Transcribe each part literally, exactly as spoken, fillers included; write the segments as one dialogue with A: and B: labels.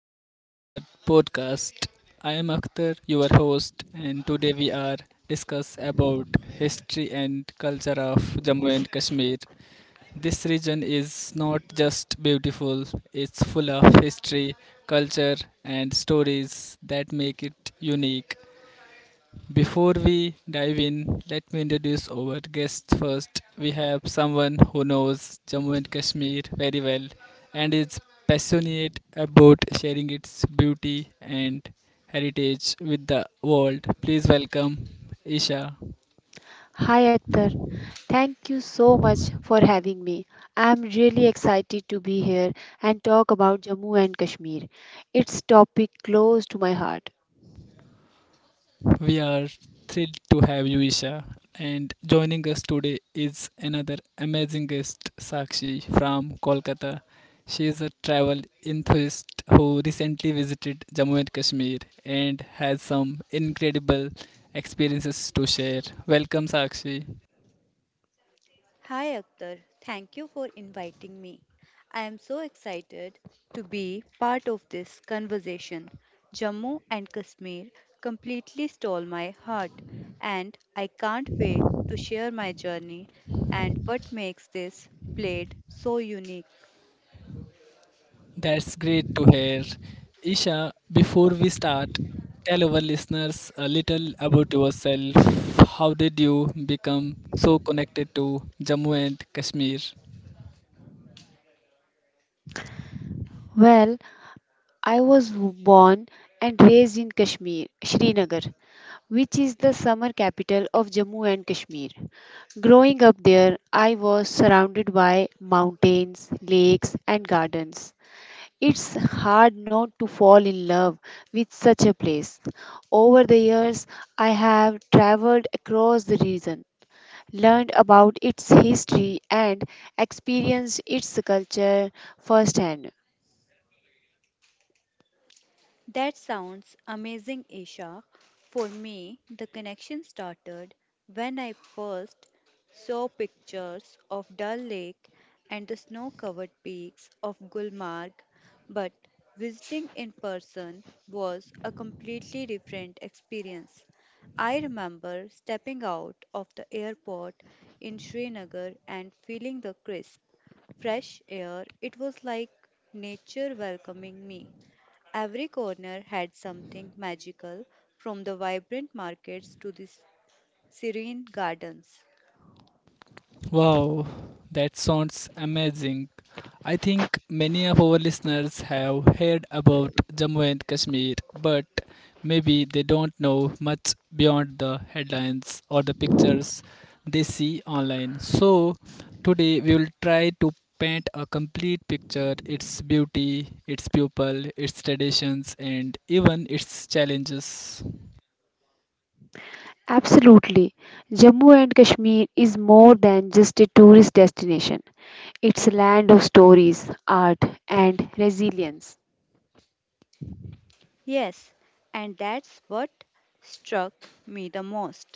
A: welcome to our podcast. I am Akhtar, your host, and today we are discuss about history and culture of Jammu and Kashmir. This region is not just beautiful; it's full of history, culture, and stories that make it unique. Before we dive in, let me introduce our guests first. We have someone who knows Jammu and Kashmir very well and is passionate about sharing its beauty and heritage with the world. Please welcome Isha.
B: Hi Akhtar, thank you so much for having me. I'm really excited to be here and talk about Jammu and Kashmir. It's topic close to my heart.
A: We are thrilled to have you, Isha. And joining us today is another amazing guest, Sakshi from Kolkata. She is a travel enthusiast who recently visited Jammu and Kashmir and has some incredible experiences to share. Welcome, Sakshi.
C: Hi Akhtar, thank you for inviting me. I am so excited to be part of this conversation. Jammu and Kashmir completely stole my heart, and I can't wait to share my journey and what makes this place so unique.
A: That's great to hear. Isha, before we start, tell our listeners a little about yourself. How did you become so connected to Jammu and Kashmir?
B: Well, I was born and raised in Kashmir, Srinagar, which is the summer capital of Jammu and Kashmir. Growing up there, I was surrounded by mountains, lakes, and gardens. It's hard not to fall in love with such a place. Over the years, I have traveled across the region, learned about its history, and experienced its culture firsthand.
C: That sounds amazing, Isha. For me, the connection started when I first saw pictures of Dal Lake and the snow covered peaks of Gulmarg, but visiting in person was a completely different experience. I remember stepping out of the airport in Srinagar and feeling the crisp, fresh air. It was like nature welcoming me. Every corner had something magical, from the vibrant markets to the s- serene gardens.
A: Wow, that sounds amazing. I think many of our listeners have heard about Jammu and Kashmir, but maybe they don't know much beyond the headlines or the pictures they see online. So, today we will try to paint a complete picture its beauty, its people, its traditions, and even its challenges.
B: Absolutely. Jammu and Kashmir is more than just a tourist destination. It's a land of stories, art, and resilience.
C: Yes, and that's what struck me the most.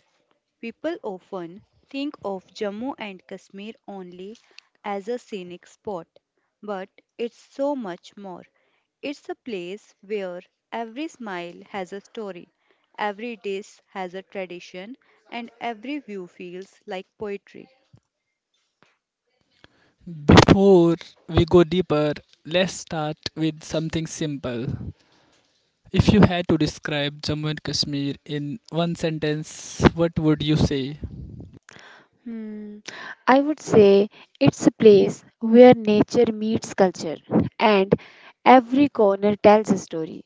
C: People often think of Jammu and Kashmir only as a scenic spot, but it's so much more. It's a place where every smile has a story, every dish has a tradition, and every view feels like poetry.
A: Before we go deeper, let's start with something simple. If you had to describe Jammu and Kashmir in one sentence, what would you say?
B: Hmm. I would say it's a place where nature meets culture and every corner tells a story.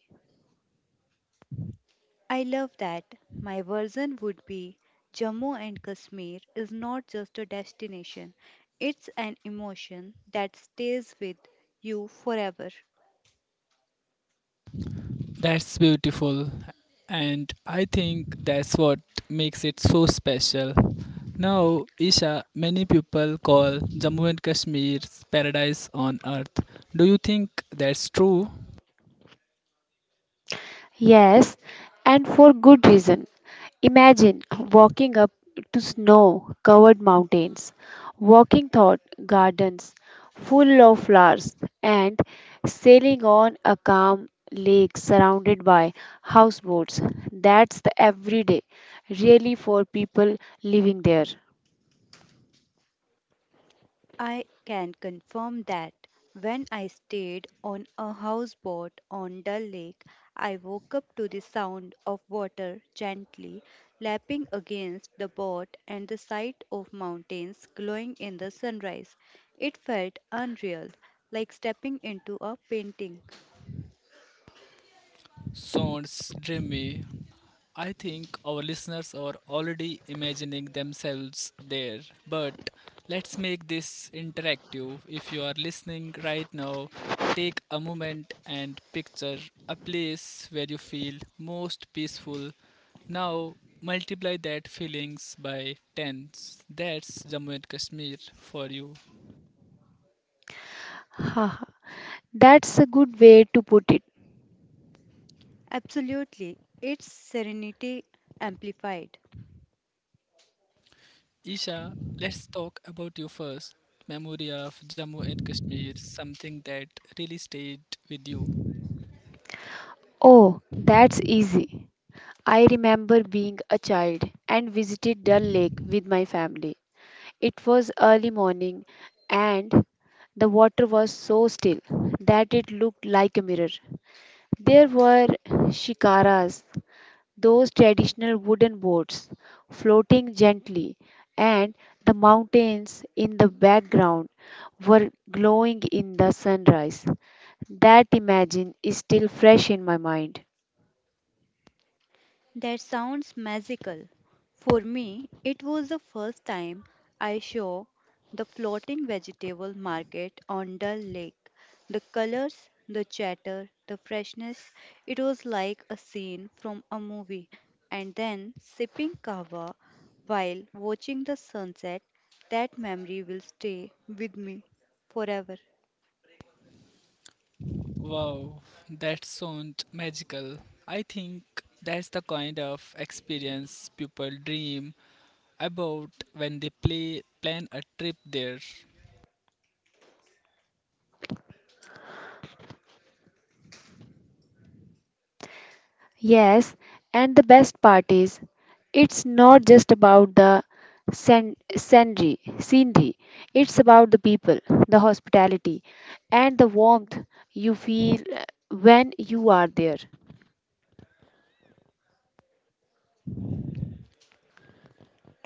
C: I love that. My version would be Jammu and Kashmir is not just a destination, it's an emotion that stays with you forever.
A: That's beautiful, and I think that's what makes it so special. Now, Isha, many people call Jammu and Kashmir's paradise on earth. Do you think that's true?
B: Yes, and for good reason. Imagine walking up to snow covered mountains, walking thought gardens full of flowers, and sailing on a calm lake surrounded by houseboats. That's the everyday, really, for people living there.
C: I can confirm that when I stayed on a houseboat on Dull Lake, I woke up to the sound of water gently lapping against the boat and the sight of mountains glowing in the sunrise. It felt unreal, like stepping into a painting.
A: Sounds dreamy. I think our listeners are already imagining themselves there, but let's make this interactive. If you are listening right now, take a moment and picture a place where you feel most peaceful. Now, multiply that feelings by tens. That's Jammu and Kashmir for you.
B: That's a good way to put it.
C: Absolutely, its serenity amplified.
A: Isha, let's talk about you first. Memory of Jammu and Kashmir, something that really stayed with you.
B: Oh, that's easy. I remember being a child and visited Dal Lake with my family. It was early morning and the water was so still that it looked like a mirror. There were shikaras those traditional wooden boats floating gently, and the mountains in the background were glowing in the sunrise. That imagine is still fresh in my mind.
C: That sounds magical. For me, it was the first time I saw the floating vegetable market on Dull Lake. The colors, the chatter, the freshness, it was like a scene from a movie. And then sipping kava while watching the sunset, that memory will stay with me forever.
A: Wow, that sounds magical. I think that's the kind of experience people dream about when they play, plan a trip there.
B: Yes, and the best part is it's not just about the scen- scenery, scenery. It's about the people, the hospitality, and the warmth you feel uh, when you are there.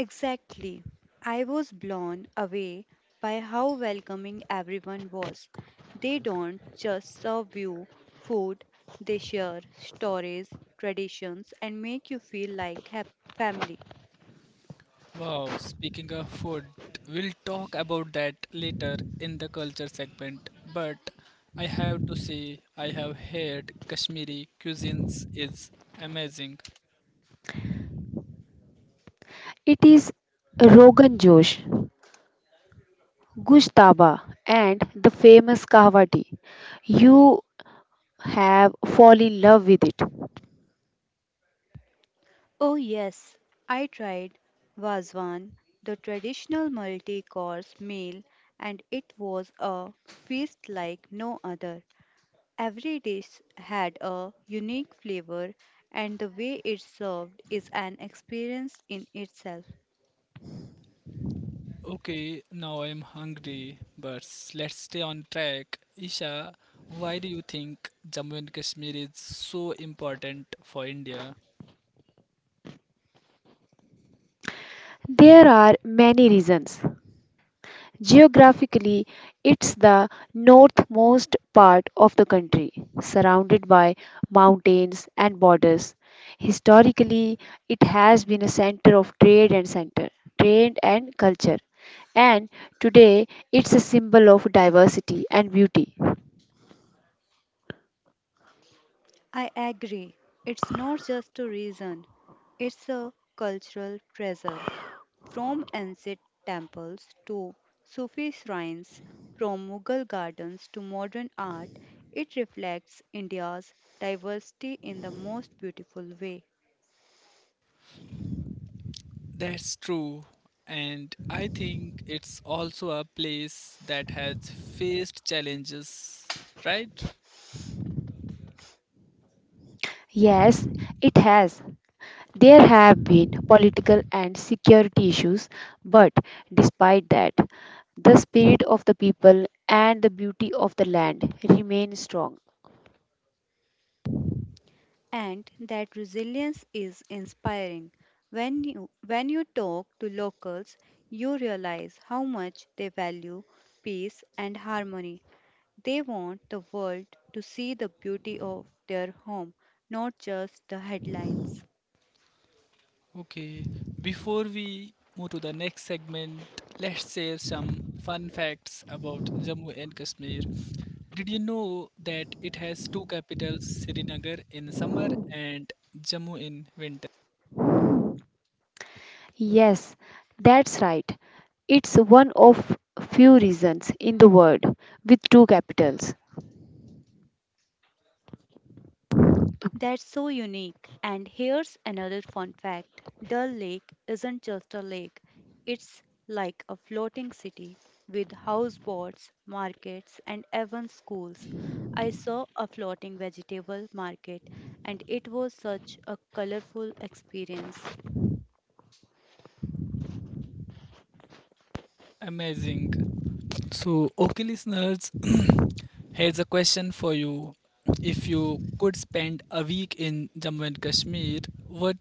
C: Exactly. I was blown away by how welcoming everyone was. They don't just serve you food, they share stories, traditions, and make you feel like hap- family.
A: Wow, speaking of food, we'll talk about that later in the culture segment. But I have to say, I have heard Kashmiri cuisines is amazing.
B: It is Rogan Josh. Gustaba and the famous Kahwa tea. You have fall in love with it.
C: Oh, yes, I tried Vazwan, the traditional multi course meal, and it was a feast like no other. Every dish had a unique flavor, and the way it's served is an experience in itself.
A: Okay, now I'm hungry, but s- let's stay on track. Isha, why do you think Jammu and Kashmir is so important for India?
B: There are many reasons. Geographically, it's the northmost part of the country, surrounded by mountains and borders. Historically, it has been a center of trade and center, trade and culture. And today, it's a symbol of diversity and beauty.
C: I agree. It's not just a reason, it's a cultural treasure. From ancient temples to Sufi shrines, from Mughal gardens to modern art, it reflects India's diversity in the most beautiful way.
A: That's true, and I think it's also a place that has faced challenges, right?
B: Yes, it has. There have been political and security issues, but despite that, the spirit of the people and the beauty of the land remain strong.
C: And that resilience is inspiring. When you, when you talk to locals, you realize how much they value peace and harmony. They want the world to see the beauty of their home, not just the headlines.
A: Okay, before we move to the next segment, let's share some fun facts about Jammu and Kashmir. Did you know that it has two capitals, Srinagar in summer and Jammu in winter?
B: Yes, that's right. It's one of few reasons in the world with two capitals.
C: That's so unique. And here's another fun fact: Dull Lake isn't just a lake, it's like a floating city with houseboats, markets, and even schools. I saw a floating vegetable market, and it was such a colorful experience.
A: Amazing. So, okay, listeners, here's a question for you. If you could spend a week in Jammu and Kashmir, what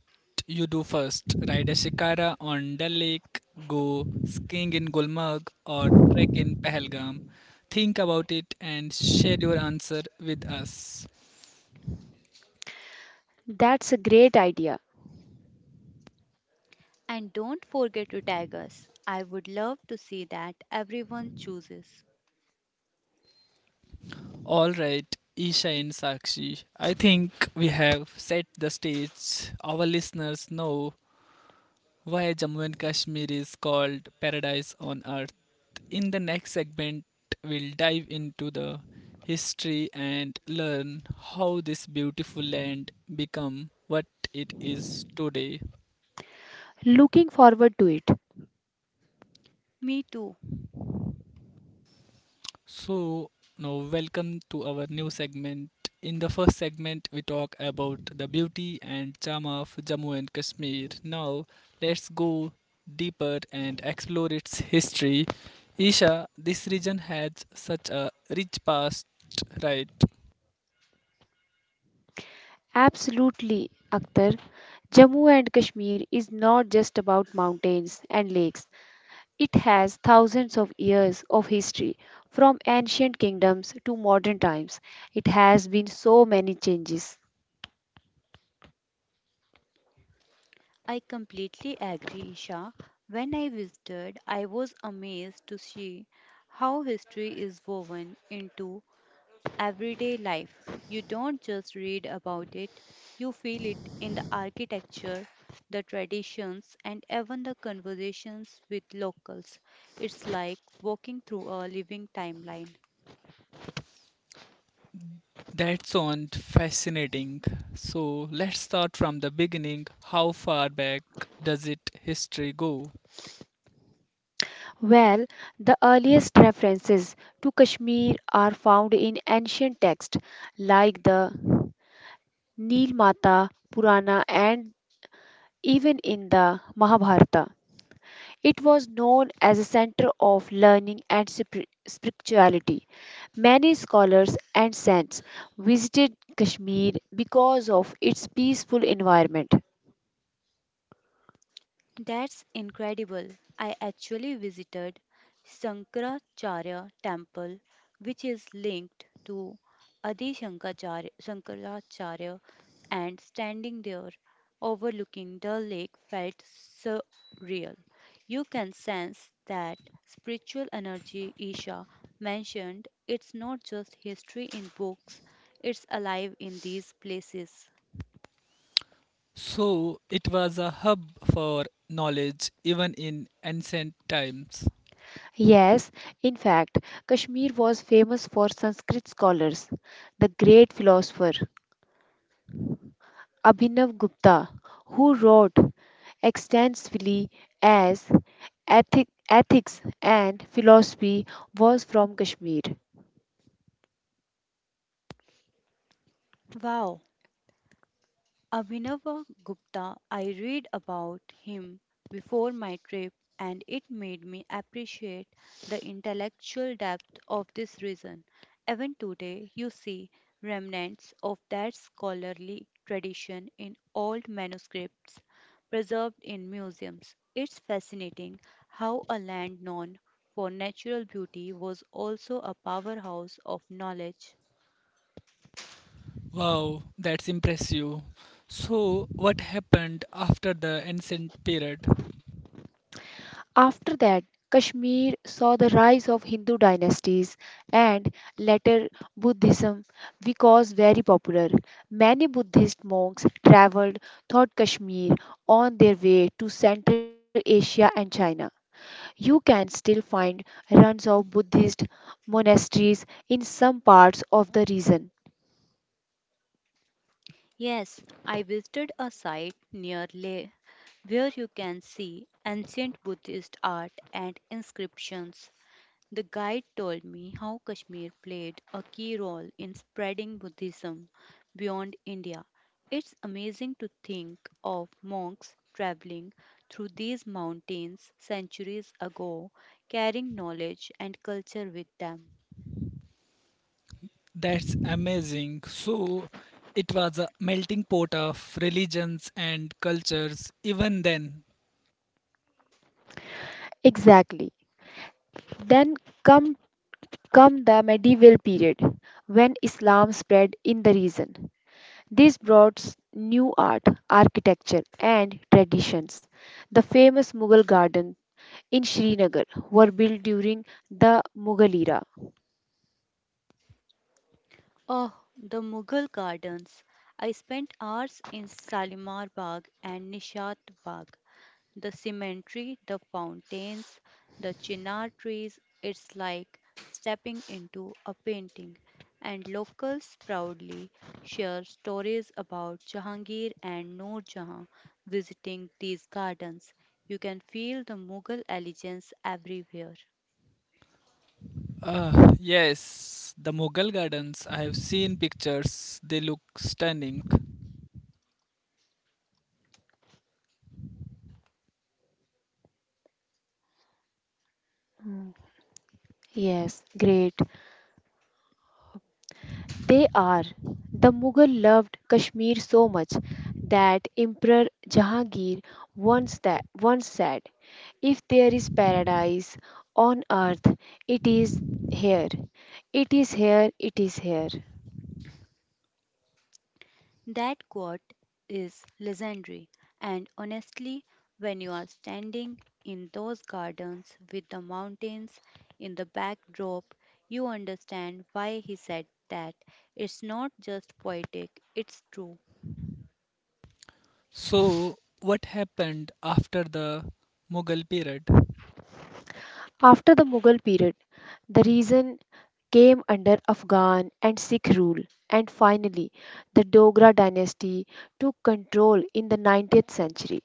A: you do first? Ride a shikara on Dal Lake, go skiing in Gulmarg, or trek in Pahalgam? Think about it and share your answer with us.
B: That's a great idea.
C: And don't forget to tag us. I would love to see that everyone chooses.
A: All right, Isha and Sakshi, I think we have set the stage. Our listeners know why Jammu and Kashmir is called paradise on earth. In the next segment, we'll dive into the history and learn how this beautiful land become what it is today.
B: Looking forward to it.
C: Me too.
A: So, now welcome to our new segment. In the first segment, we talk about the beauty and charm of Jammu and Kashmir. Now, let's go deeper and explore its history. Isha, this region has such a rich past, right?
B: Absolutely, Akhtar. Jammu and Kashmir is not just about mountains and lakes. It has thousands of years of history, from ancient kingdoms to modern times. It has been so many changes.
C: I completely agree, Isha. When I visited, I was amazed to see how history is woven into everyday life. You don't just read about it, you feel it in the architecture, the traditions, and even the conversations with locals. It's like walking through a living timeline.
A: That sounds fascinating. So let's start from the beginning. How far back does it history go?
B: Well, the earliest references to Kashmir are found in ancient texts like the Nilmata Purana and even in the Mahabharata. It was known as a center of learning and spir- spirituality. Many scholars and saints visited Kashmir because of its peaceful environment.
C: That's incredible. I actually visited Shankaracharya temple which is linked to Adi Shankaracharya, Shankaracharya and standing there overlooking the lake felt surreal. You can sense that spiritual energy Isha mentioned. It's not just history in books, it's alive in these places.
A: So it was a hub for knowledge even in ancient times.
B: Yes, in fact, Kashmir was famous for Sanskrit scholars. The great philosopher Abhinav Gupta, who wrote extensively as Ethic, Ethics and Philosophy, was from Kashmir.
C: Wow, Abhinava Gupta, I read about him before my trip and it made me appreciate the intellectual depth of this region. Even today, you see remnants of that scholarly tradition in old manuscripts preserved in museums. It's fascinating how a land known for natural beauty was also a powerhouse of knowledge.
A: Wow, that's impressive. So what happened after the ancient period?
B: After that, Kashmir saw the rise of Hindu dynasties and later Buddhism because very popular. Many Buddhist monks traveled through Kashmir on their way to Central Asia and China. You can still find ruins of Buddhist monasteries in some parts of the region.
C: Yes, I visited a site near Leh where you can see ancient Buddhist art and inscriptions. The guide told me how Kashmir played a key role in spreading Buddhism beyond India. It's amazing to think of monks traveling through these mountains centuries ago, carrying knowledge and culture with them.
A: That's amazing. So it was a melting pot of religions and cultures even then.
B: Exactly. Then come come the medieval period when Islam spread in the region. This brought s- new art, architecture, and traditions. The famous Mughal gardens in Srinagar were built during the Mughal era.
C: Oh, the Mughal gardens. I spent hours in Shalimar Bagh and Nishat Bagh. The cemetery, the fountains, the chinar trees, it's like stepping into a painting. And locals proudly share stories about Jahangir and Noor Jahan visiting these gardens. You can feel the Mughal elegance everywhere.
A: Uh, yes, the Mughal gardens. I have seen pictures. They look stunning.
B: Hmm, yes, great. They are. The Mughal loved Kashmir so much that Emperor Jahangir once, that, once said, "If there is paradise on earth, it is here. It is here, it is here."
C: That quote is legendary, and honestly, when you are standing in those gardens with the mountains in the backdrop, you understand why he said that. It's not just poetic, it's true.
A: So, what happened after the Mughal period?
B: After the Mughal period, the region came under Afghan and Sikh rule, and finally, the Dogra dynasty took control in the nineteenth century.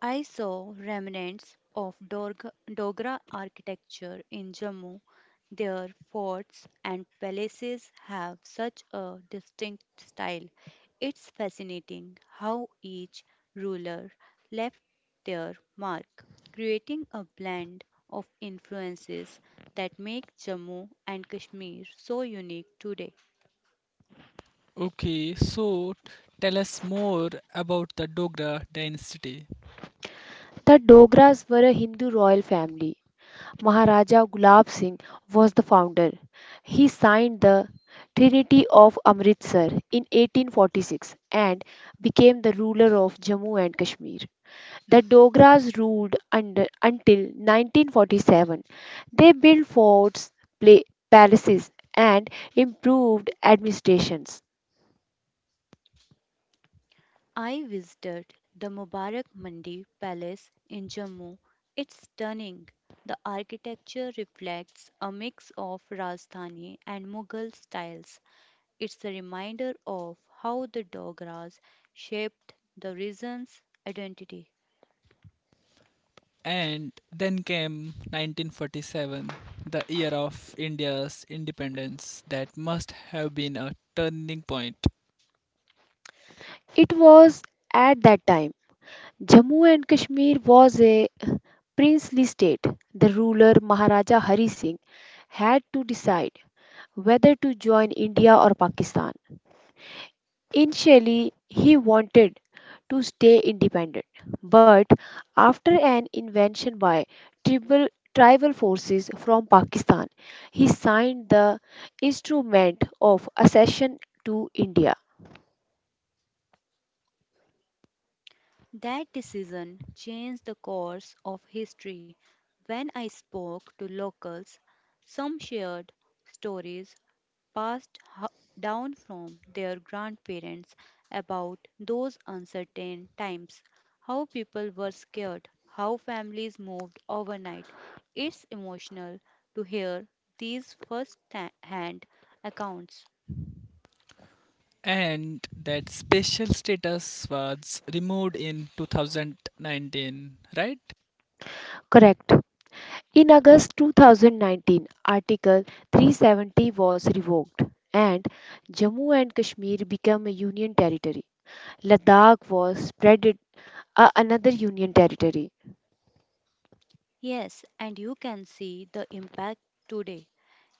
C: I saw remnants of Dorg- Dogra architecture in Jammu. Their forts and palaces have such a distinct style. It's fascinating how each ruler left their mark, creating a blend of influences that make Jammu and Kashmir so unique today.
A: Okay, so tell us more about the Dogra dynasty.
B: The Dogras were a Hindu royal family. Maharaja Gulab Singh was the founder. He signed the Trinity of Amritsar in eighteen forty-six and became the ruler of Jammu and Kashmir. The Dogras ruled under, until nineteen forty-seven. They built forts, pla palaces, and improved administrations.
C: I visited the Mubarak Mandi Palace in Jammu. It's stunning. The architecture reflects a mix of Rajasthani and Mughal styles. It's a reminder of how the Dogras shaped the region's identity.
A: And then came nineteen forty-seven, the year of India's independence. That must have been a turning point.
B: It was at that time Jammu and Kashmir was a princely state. The ruler Maharaja Hari Singh had to decide whether to join India or Pakistan. Initially, he wanted to stay independent. But after an invasion by tribal, tribal forces from Pakistan, he signed the Instrument of Accession to India.
C: That decision changed the course of history. When I spoke to locals, some shared stories passed ho- down from their grandparents about those uncertain times, how people were scared, how families moved overnight. It's emotional to hear these first ta- hand accounts.
A: And that special status was removed in two thousand nineteen, right?
B: Correct. In August two thousand nineteen, Article three seventy was revoked and Jammu and Kashmir became a union territory. Ladakh was spread it- a- another union territory.
C: Yes, and you can see the impact today.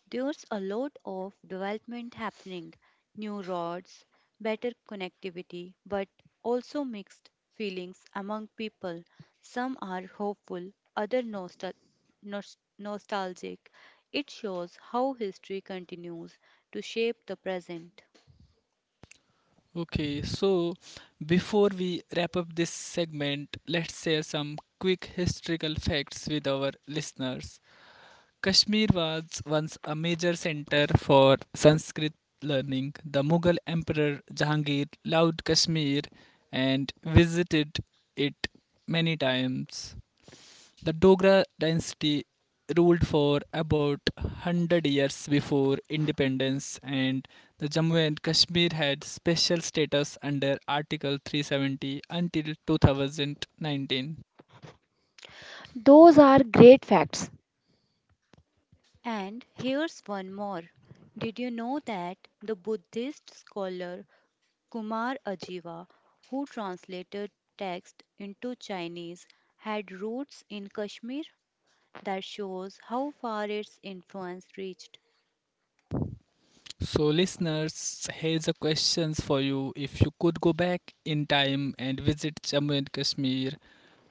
C: There's a lot of development happening, new roads, better connectivity, but also mixed feelings among people. Some are hopeful, others nostal- nos- nostalgic. It shows how history continues to shape the present.
A: Okay, so before we wrap up this segment, let's share some quick historical facts with our listeners. Kashmir was once a major center for Sanskrit learning. The Mughal Emperor Jahangir loved Kashmir and visited it many times. The Dogra dynasty ruled for about one hundred years before independence, and the Jammu and Kashmir had special status under Article three seventy until two thousand nineteen.
B: Those are great facts.
C: And here's one more. Did you know that the Buddhist scholar Kumar Ajiva, who translated text into Chinese, had roots in Kashmir? That shows how far its influence reached.
A: So, listeners, here's a questions for you. If you could go back in time and visit Jammu and Kashmir,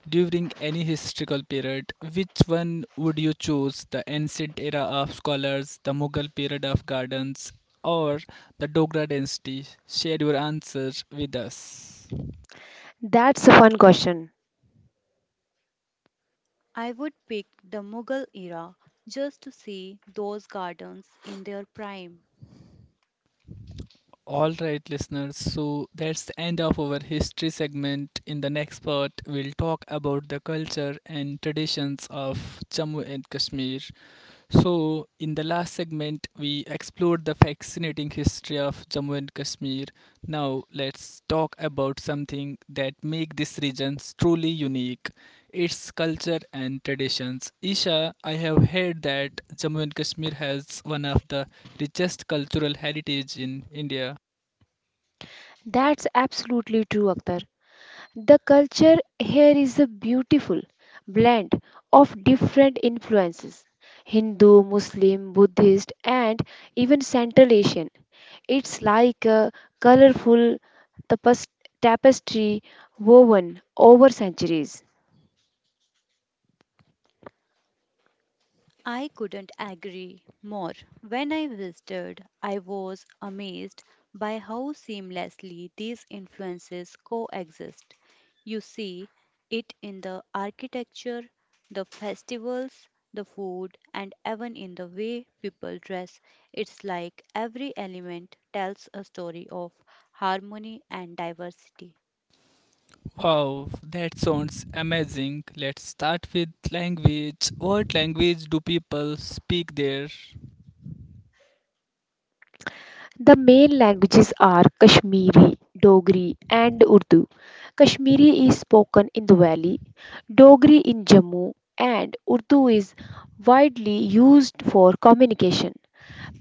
A: during any historical period, which one would you choose? The ancient era of scholars, the Mughal period of gardens, or the Dogra dynasty? Share your answer with us.
B: That's a fun question.
C: I would pick the Mughal era just to see those gardens in their prime.
A: All right, listeners, so that's the end of our history segment. In the next part, we'll talk about the culture and traditions of Jammu and Kashmir. So, in the last segment, we explored the fascinating history of Jammu and Kashmir. Now, let's talk about something that make this region truly unique: its culture and traditions. Isha, I have heard that Jammu and Kashmir has one of the richest cultural heritage in India.
B: That's absolutely true, Akhtar. The culture here is a beautiful blend of different influences: Hindu, Muslim, Buddhist, and even Central Asian. It's like a colorful tapas- tapestry woven over centuries.
C: I couldn't agree more. When I visited, I was amazed by how seamlessly these influences coexist. You see it in the architecture, the festivals, the food, and even in the way people dress. It's like every element tells a story of harmony and diversity.
A: Wow, that sounds amazing. Let's start with language. What language do people speak there?
B: The main languages are Kashmiri, Dogri, and Urdu. Kashmiri is spoken in the valley, Dogri in Jammu, and Urdu is widely used for communication.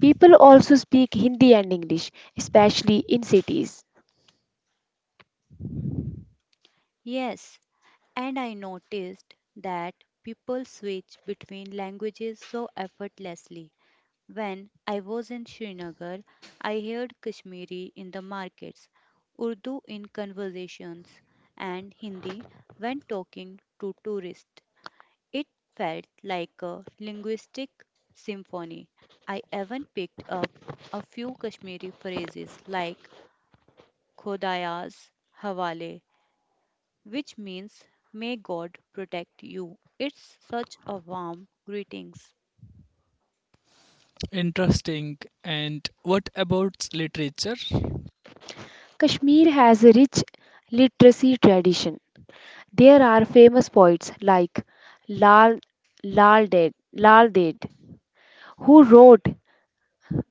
B: People also speak Hindi and English, especially in cities.
C: Yes, and I noticed that people switch between languages so effortlessly. When I was in Srinagar, I heard Kashmiri in the markets, Urdu in conversations, and Hindi when talking to tourists. It felt like a linguistic symphony. I even picked up a few Kashmiri phrases like Khodaya's Hawale, which means may God protect you. It's such a warm greetings.
A: Interesting. And what about literature?
B: Kashmir has a rich literacy tradition. There are famous poets like Lal Lal Ded, Lal Ded, who wrote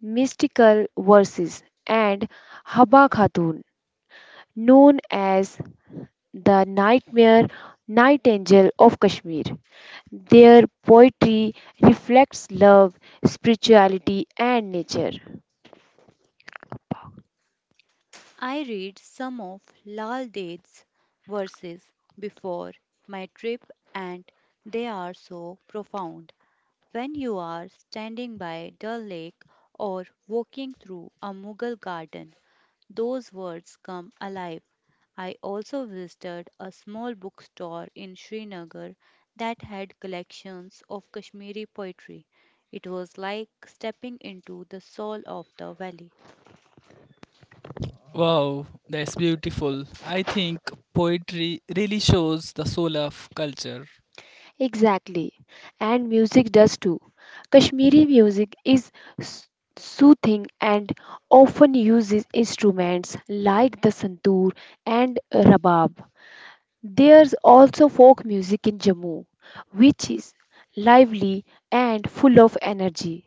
B: mystical verses, and Haba Khatun, known as the nightmare nightingale of Kashmir. Their poetry reflects love, spirituality, and nature.
C: I read some of Lal Ded's verses before my trip, and they are so profound. When you are standing by Dal Lake or walking through a Mughal garden, those words come alive. I also visited a small bookstore in Srinagar that had collections of Kashmiri poetry. It was like stepping into the soul of the valley.
A: Wow, that's beautiful. I think poetry really shows the soul of culture.
B: Exactly, and music does too. Kashmiri music is s- soothing and often uses instruments like the santoor and rabab. There's also folk music in Jammu, which is lively and full of energy.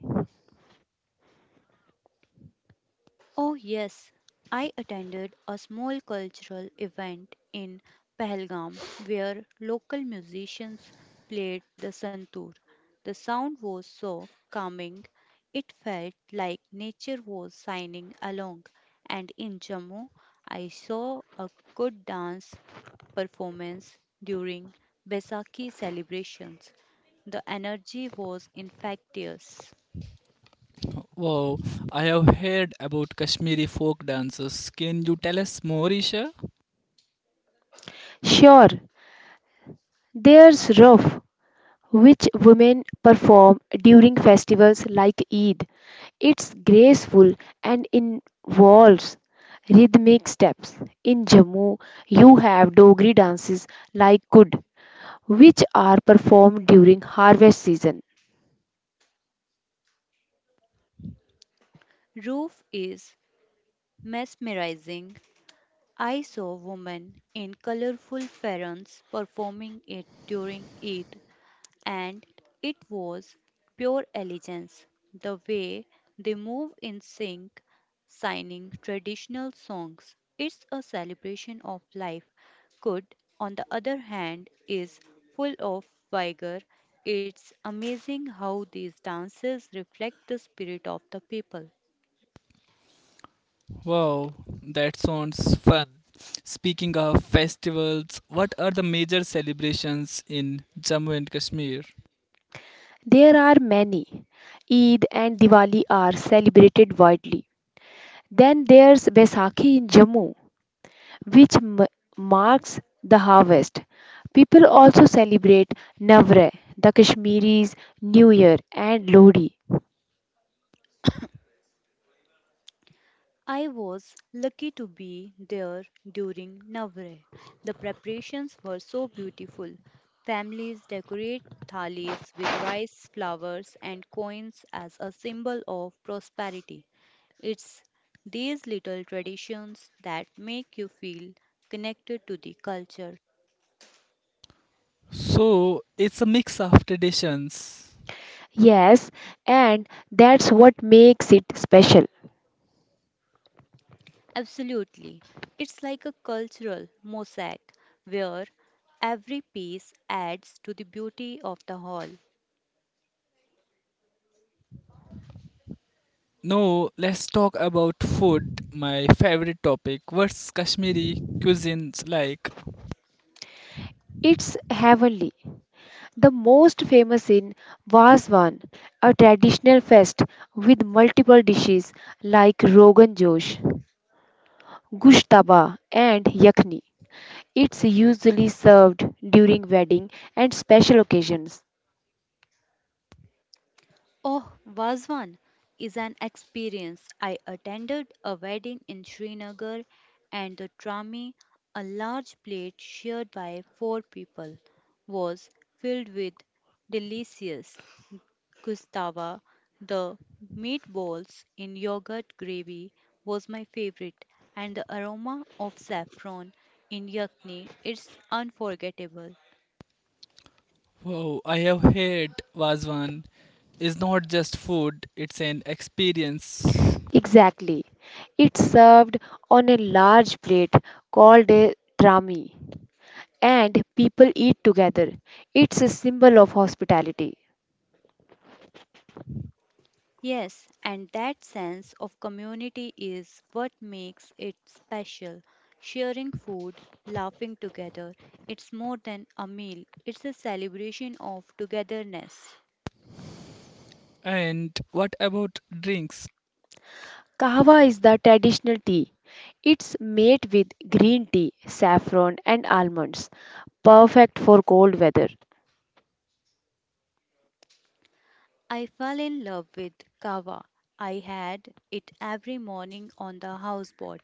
C: Oh, yes, I attended a small cultural event in Pahalgam where local musicians played the santoor. The sound was so calming, it felt like nature was signing along. And in Jammu, I saw a good dance performance during Baisakhi celebrations. The energy was infectious.
A: Wow, I have heard about Kashmiri folk dances. Can you tell us more, Isha?
B: Sure, there's Ruf, which women perform during festivals like Eid. It's graceful and involves rhythmic steps. In Jammu, you have Dogri dances like Kud, which are performed during harvest season.
C: Roof is mesmerizing. I saw women in colorful farans performing it during Eid, and it was pure elegance. The way they move in sync, signing traditional songs. It's a celebration of life. Good, on the other hand, is full of vigor. It's amazing how these dances reflect the spirit of the people.
A: Wow, that sounds fun. Speaking of festivals, what are the major celebrations in Jammu and Kashmir?
B: There are many. Eid and Diwali are celebrated widely. Then there's Baisakhi in Jammu, which m- marks the harvest. People also celebrate Navratri, the Kashmiris' New Year, and Lodi.
C: I was lucky to be there during Navratri. The preparations were so beautiful. Families decorate thalis with rice, flowers, and coins as a symbol of prosperity. It's these little traditions that make you feel connected to the culture.
A: So, it's a mix of traditions.
B: Yes, and that's what makes it special.
C: Absolutely. It's like a cultural mosaic where every piece adds to the beauty of the whole.
A: No, let's talk about food, my favorite topic. What's Kashmiri cuisines like?
B: It's heavenly. The most famous in Vaswan, a traditional fest with multiple dishes like Rogan Josh, Gushtaba, and Yakni. It's usually served during wedding and special occasions.
C: Oh, was one is an experience. I attended a wedding in Srinagar and the trami, a large plate shared by four people, was filled with delicious gustava. The meatballs in yogurt gravy was my favorite and the aroma of saffron in yakni is unforgettable.
A: Wow, I have heard Wazwan is not just food, it's an experience.
B: Exactly. It's served on a large plate called a trami and people eat together. It's a symbol of hospitality.
C: Yes, and that sense of community is what makes it special. Sharing food, laughing together, it's more than a meal, it's a celebration of togetherness.
A: And what about drinks?
B: Kahwa is the traditional tea. It's made with green tea, saffron, and almonds, perfect for cold weather.
C: I fell in love with kava. I had it every morning on the houseboat,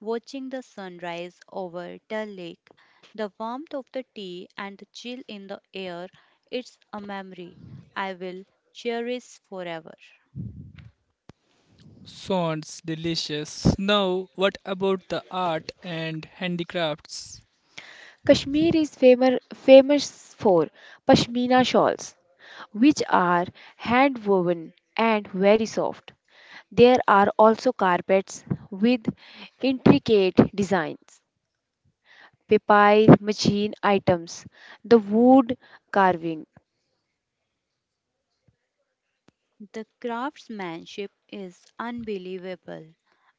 C: watching the sunrise over the lake. The warmth of the tea and the chill in the air, it's a memory I will cherish forever.
A: Sounds delicious. Now, what about the art and handicrafts?
B: Kashmir is famous, famous for pashmina shawls, which are hand woven and very soft. There are also carpets with intricate designs, paper machine items, the wood carving.
C: The craftsmanship is unbelievable.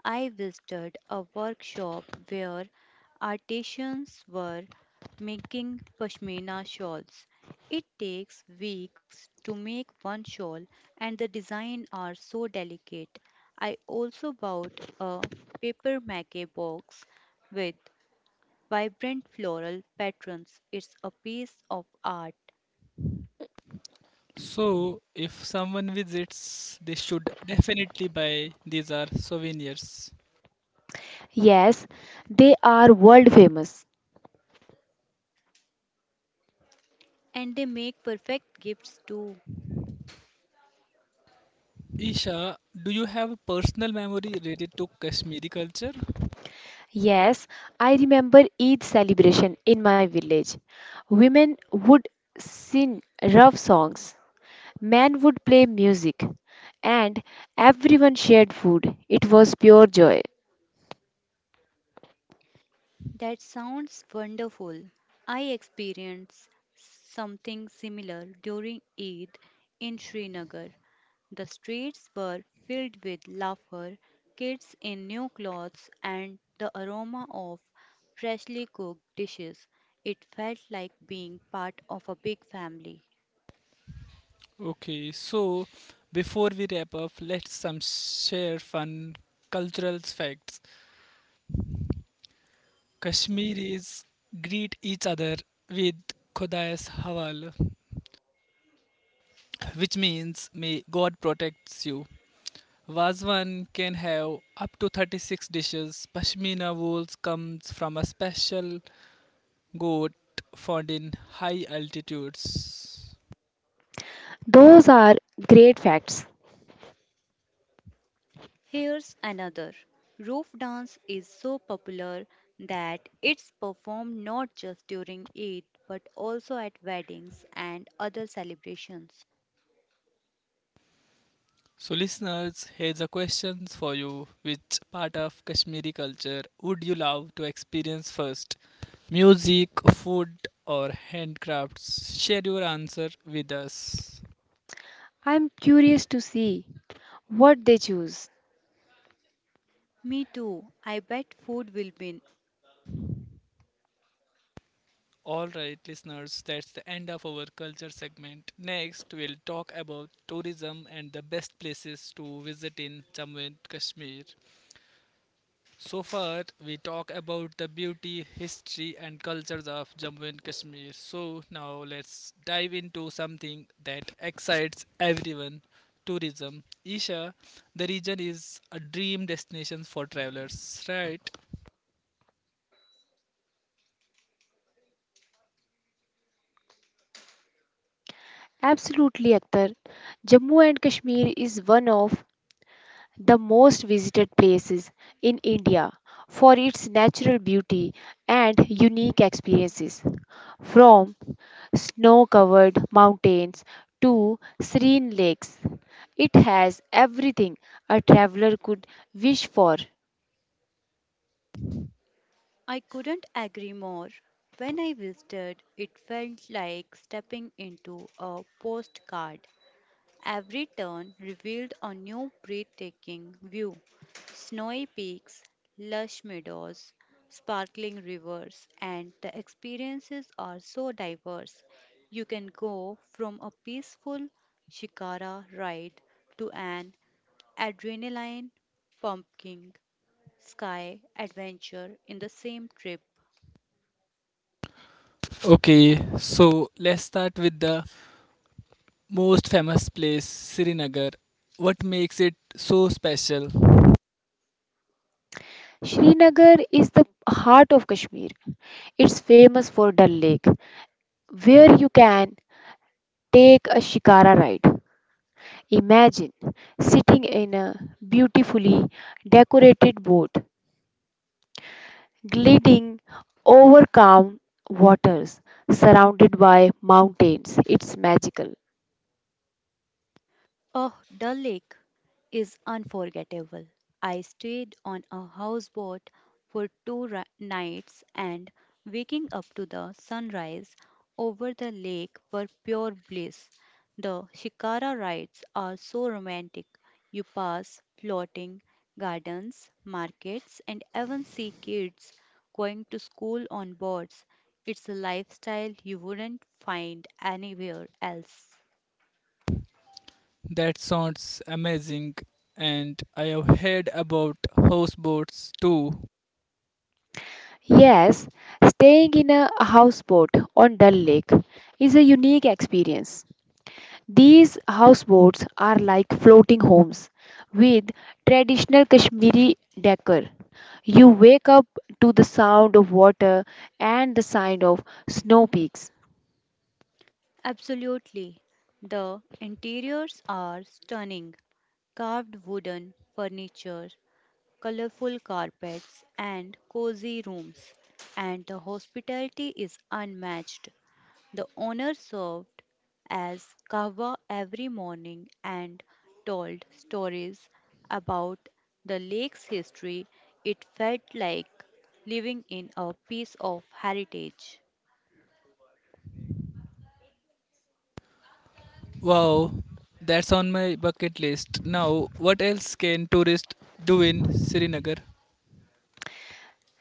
C: I visited a workshop where artisans were making pashmina shawls. It takes weeks to make one shawl, and the designs are so delicate. I also bought a paper mache box with vibrant floral patterns. It's a piece of art,
A: So, if someone visits, they should definitely buy these are souvenirs.
B: Yes, they are world famous.
C: and they make perfect gifts too.
A: Isha, do you have a personal memory related to Kashmiri culture?
B: Yes, I remember Eid celebration in my village. Women would sing rough songs, men would play music, and everyone shared food. It was pure joy.
C: That sounds wonderful. I experienced something similar during Eid in Srinagar. The streets were filled with laughter, kids in new clothes, and the aroma of freshly cooked dishes. It felt like being part of a big family.
A: Okay, so before we wrap up, let's some share fun cultural facts. Kashmiris greet each other with Khodais Hawal, which means may God protects you. Wazwan can have up to thirty-six dishes. Pashmina wool comes from a special goat found in high altitudes.
B: Those are great facts.
C: Here's another. Roof dance is so popular that it's performed not just during Eid but also at weddings and other celebrations.
A: So, listeners, here's a question for you. Which part of Kashmiri culture would you love to experience first? Music, food, or handcrafts? Share your answer with us.
B: I'm curious to see what they choose.
C: Me too. I bet food will win.
A: Alright, listeners, that's the end of our culture segment. Next, we'll talk about tourism and the best places to visit in Jammu and Kashmir. So far, we talk about the beauty, history, and cultures of Jammu and Kashmir. So now let's dive into something that excites everyone: tourism. Isha, the region is a dream destination for travelers, right?
B: Absolutely, Akhtar. Jammu and Kashmir is one of the most visited places in India for its natural beauty and unique experiences. From snow covered mountains to serene lakes, it has everything a traveler could wish for.
C: I couldn't agree more. When I visited, it felt like stepping into a postcard. Every turn revealed a new breathtaking view snowy peaks, lush meadows, sparkling rivers, and the experiences are so diverse. You can go from a peaceful shikara ride to an adrenaline pumping sky adventure in the same trip.
A: Okay, so let's start with the most famous place, Srinagar. What makes it so special?
B: Srinagar is the heart of Kashmir. It's famous for Dal Lake, where you can take a shikara ride. Imagine sitting in a beautifully decorated boat, gliding over calm waters, surrounded by mountains. It's magical.
C: Oh, the lake is unforgettable. I stayed on a houseboat for two ri- nights, and waking up to the sunrise over the lake were pure bliss. The shikara rides are so romantic. You pass floating gardens, markets, and even see kids going to school on boards. It's a lifestyle you wouldn't find anywhere else.
A: That sounds amazing, and I have heard about houseboats too.
B: Yes, staying in a houseboat on Dal Lake is a unique experience. These houseboats are like floating homes with traditional Kashmiri decor. You wake up to the sound of water and the sound of snow peaks.
C: Absolutely. The interiors are stunning: carved wooden furniture, colorful carpets, and cozy rooms. And the hospitality is unmatched. The owner served as kava every morning and told stories about the lake's history. It felt like living in a piece of heritage.
A: Wow, that's on my bucket list. Now, what else can tourists do in Srinagar?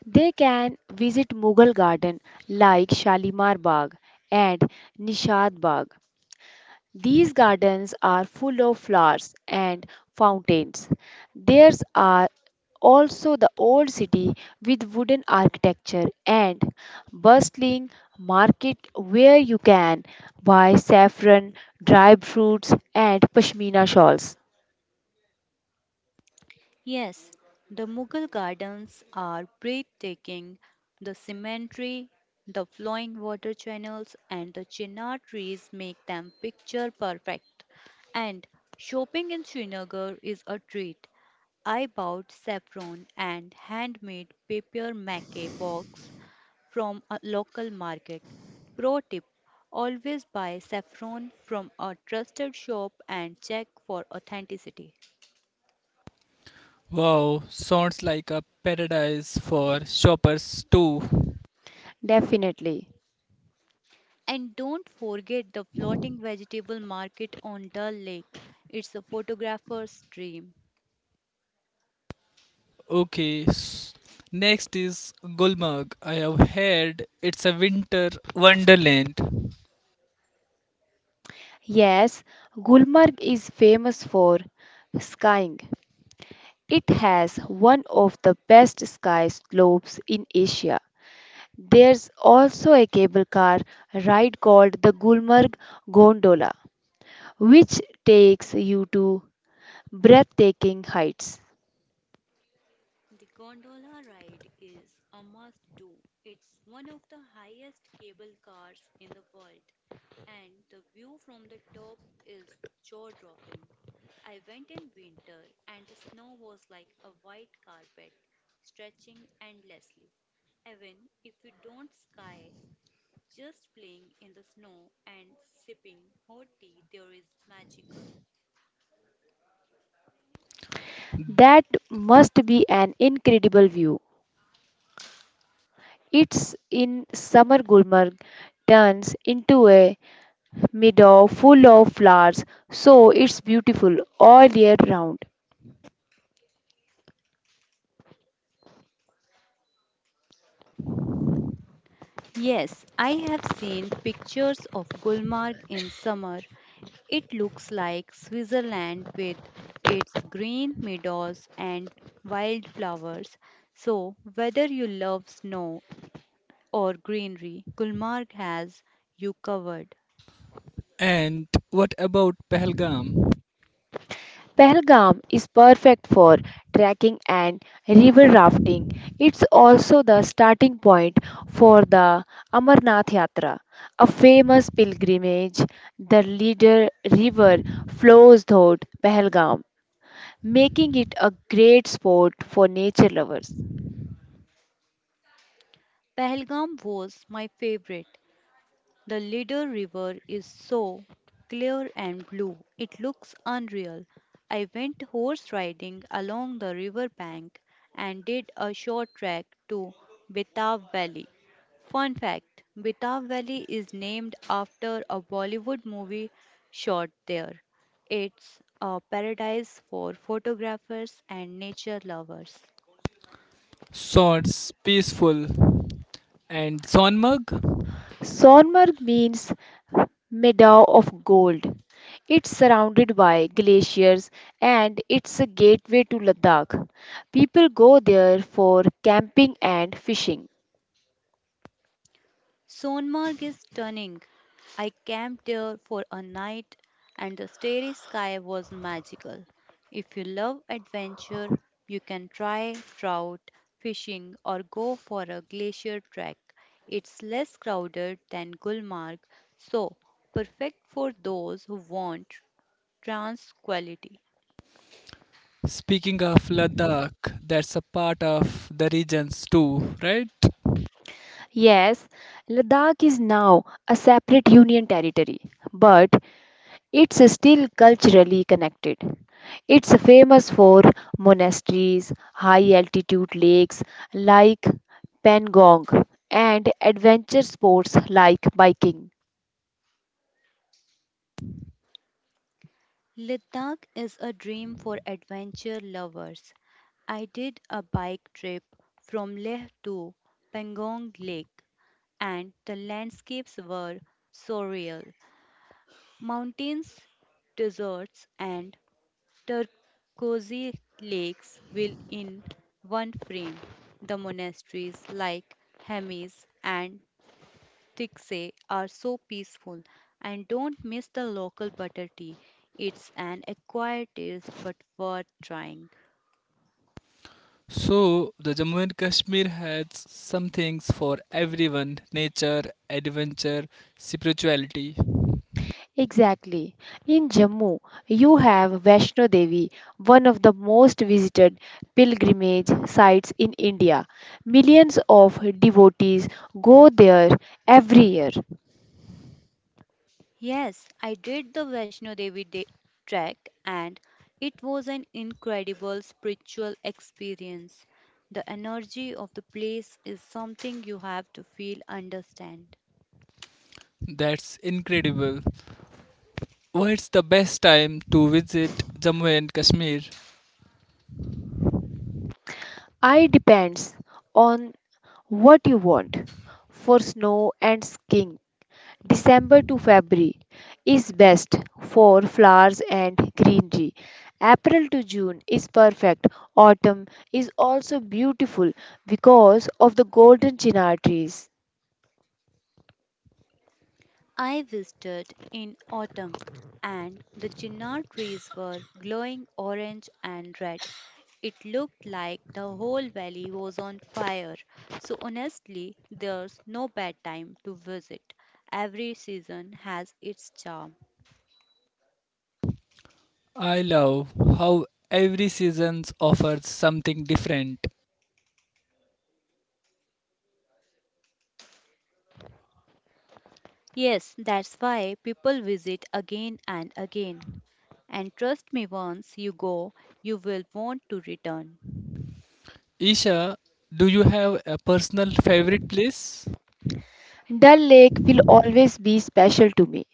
B: They can visit Mughal garden like Shalimar Bagh and Nishad Bagh. These gardens are full of flowers and fountains. There are also the old city with wooden architecture and bustling market where you can buy saffron, dried fruits, and pashmina shawls.
C: Yes, the Mughal gardens are breathtaking. The cemetery, the flowing water channels, and the chinar trees make them picture perfect. And shopping in Srinagar is a treat. I bought saffron and handmade paper mache box from a local market. Pro tip: always buy saffron from a trusted shop and check for authenticity.
A: Wow, sounds like a paradise for shoppers too.
B: Definitely.
C: And don't forget the floating vegetable market on Dull Lake. It's a photographer's dream.
A: Okay, s- next is Gulmarg. I have heard it's a winter wonderland.
B: Yes, Gulmarg is famous for skiing. It has one of the best ski slopes in Asia. There's also a cable car ride called the Gulmarg Gondola, which takes you to breathtaking heights.
C: The gondola ride is a must do. It's one of the highest cable cars in the world, and the view from the top is jaw dropping. I went in winter, and the snow was like a white carpet, stretching endlessly. Even if you don't ski, just playing in the snow and sipping hot tea there is magical.
B: That must be an incredible view. It's in summer Gulmarg turns into a meadow full of flowers, so it's beautiful all year round.
C: Yes, I have seen pictures of Gulmarg in summer. It looks like Switzerland with its green meadows and wildflowers. So, whether you love snow or greenery, Gulmarg has you covered.
A: And what about Pahalgam?
B: Pahalgam is perfect for trekking and river rafting. It's also the starting point for the Amarnath Yatra, a famous pilgrimage. The leader river flows through Pahalgam, making it a great spot for nature lovers.
C: Pahalgam was my favorite. The little river is so clear and blue, it looks unreal. I went horse riding along the river bank and did a short trek to Betab Valley. Fun fact: Betab Valley is named after a Bollywood movie shot there. It's a paradise for photographers and nature lovers.
A: Sounds peaceful. And Sonmarg?
B: Sonmarg means meadow of gold. It's surrounded by glaciers and it's a gateway to Ladakh. People go there for camping and fishing.
C: Sonmarg is stunning. I camped there for a night and the starry sky was magical. If you love adventure, you can try trout fishing or go for a glacier trek. It's less crowded than Gulmarg, so perfect for those who want tranquility.
A: Speaking of Ladakh, that's a part of the regions too, right?
B: Yes, Ladakh is now a separate union territory, but it's still culturally connected. It's famous for monasteries, high altitude lakes like Pangong, and adventure sports like biking.
C: Ladakh is a dream for adventure lovers. I did a bike trip from Leh to Pangong Lake, and the landscapes were surreal. Mountains, deserts, and turquoise lakes will in one frame. The monasteries like Hemis and sticks are so peaceful. And don't miss the local butter tea. It's an acquired taste but worth trying.
A: So, the Jammu and Kashmir has some things for everyone nature, adventure, spirituality.
B: Exactly. In Jammu, you have Vaishno Devi, one of the most visited pilgrimage sites in India. Millions of devotees go there every year.
C: Yes, I did the Vaishno Devi de- trek, and it was an incredible spiritual experience. The energy of the place is something you have to feel understand.
A: That's incredible. What's the best time to visit Jammu and Kashmir?
B: I depends on what you want: for snow and skiing December to February is best, for flowers and greenery, April to June is perfect. Autumn is also beautiful because of the golden chinar trees.
C: I visited in autumn and the chinar trees were glowing orange and red. It looked like the whole valley was on fire. So honestly, there's no bad time to visit. Every season has its charm.
A: I love how every season offers something different.
C: Yes, that's why people visit again and again. And trust me, once you go, you will want to return.
A: Isha, do you have a personal favorite place?
B: Dal Lake will always be special to me.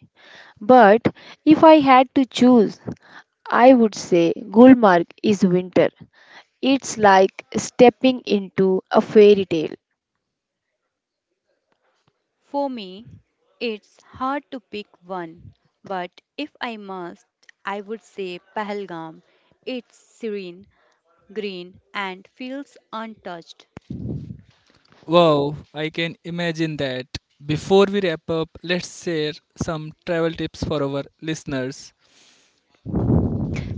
B: But if I had to choose, I would say Gulmarg is winter. It's like stepping into a fairy tale.
C: For me, it's hard to pick one, but if I must, I would say Pahalgam. It's serene, green, and feels untouched.
A: Wow, I can imagine that. Before we wrap up, let's share some travel tips for our listeners.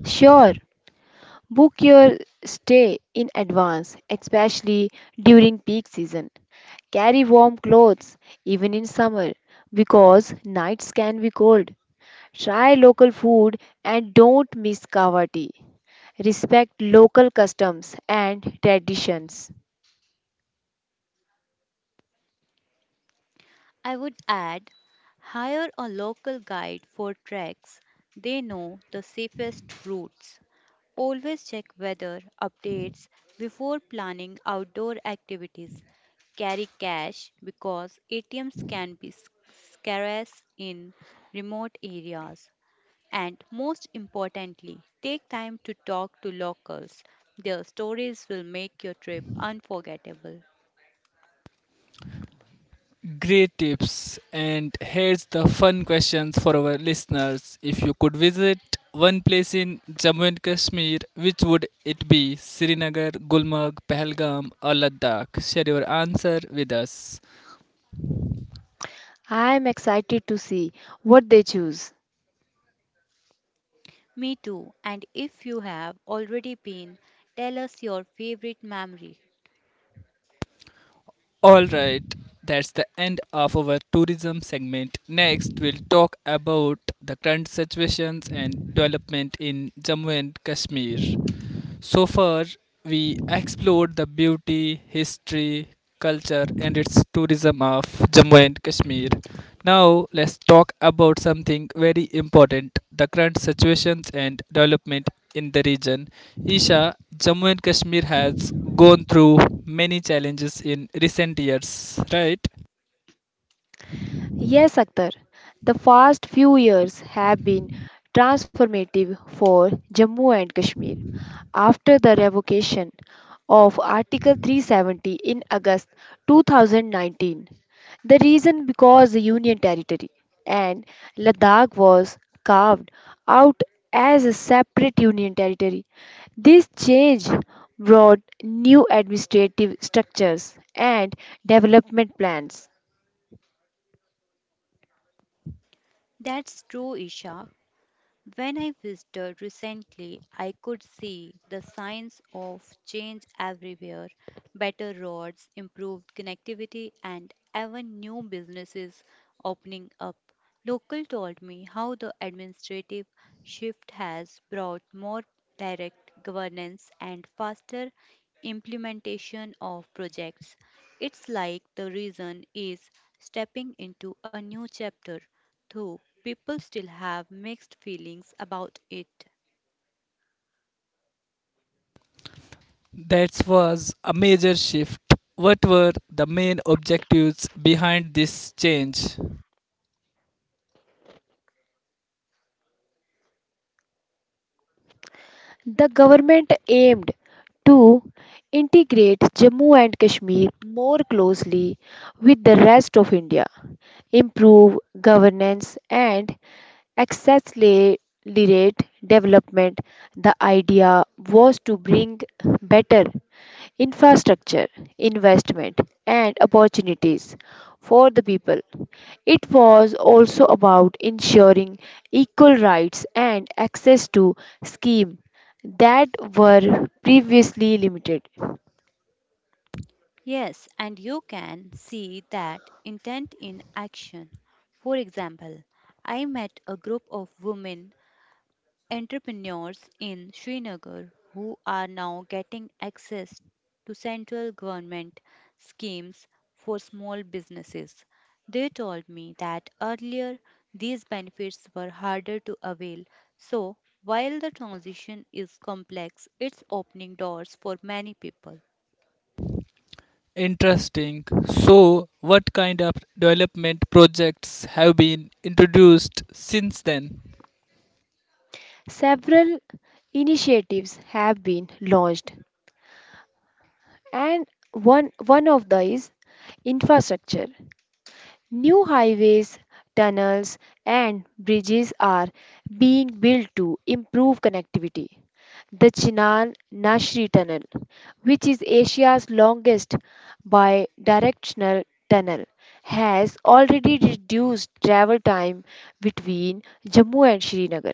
B: Sure, book your stay in advance, especially during peak season. Carry warm clothes even in summer because nights can be cold. Try local food and don't miss kawa tea. Respect local customs and traditions.
C: I would add: hire a local guide for treks. They know the safest routes. Always check weather updates before planning outdoor activities. Carry cash because A T Ms can be s- scarce in remote areas. And most importantly, take time to talk to locals. Their stories will make your trip unforgettable.
A: Great tips. And here's the fun questions for our listeners. If you could visit one place in Jammu and Kashmir, which would it be? Srinagar, Gulmarg, Pahalgam, or Ladakh? Share your answer with us.
B: I am excited to see what they choose.
C: Me too. And if you have already been, tell us your favorite memory.
A: All right, that's the end of our tourism segment. Next, we'll talk about the current situations and development in Jammu and Kashmir. So far, we explored the beauty, history, culture, and its tourism of Jammu and Kashmir. Now, let's talk about something very important the current situations and development in the region. Isha, Jammu and Kashmir has gone through many challenges in recent years, right?
B: Yes, Akhtar. The past few years have been transformative for Jammu and Kashmir. After the revocation of Article three seventy in August two thousand nineteen, the reason because the Union Territory and Ladakh was carved out as a separate Union Territory. This change brought new administrative structures and development plans.
C: That's true, Isha. When I visited recently, I could see the signs of change everywhere: better roads, improved connectivity, and even new businesses opening up. Local told me how the administrative shift has brought more direct governance and faster implementation of projects. It's like the region is stepping into a new chapter, though people still have mixed feelings about it.
A: That was a major shift. What were the main objectives behind this change?
B: The government aimed to integrate Jammu and Kashmir more closely with the rest of India, improve governance, and accelerate development. The idea was to bring better infrastructure, investment, and opportunities for the people. It was also about ensuring equal rights and access to schemes that were previously limited.
C: Yes, and you can see that intent in action. For example, I met a group of women entrepreneurs in Srinagar who are now getting access to central government schemes for small businesses. They told me that earlier these benefits were harder to avail. So, while the transition is complex, it's opening doors for many people.
A: Interesting. So, what kind of development projects have been introduced since then?
B: Several initiatives have been launched, and one, one of these infrastructure. New highways, tunnels, and bridges are being built to improve connectivity. The Chinan Nashri Tunnel, which is Asia's longest bi directional tunnel, has already reduced travel time between Jammu and Srinagar.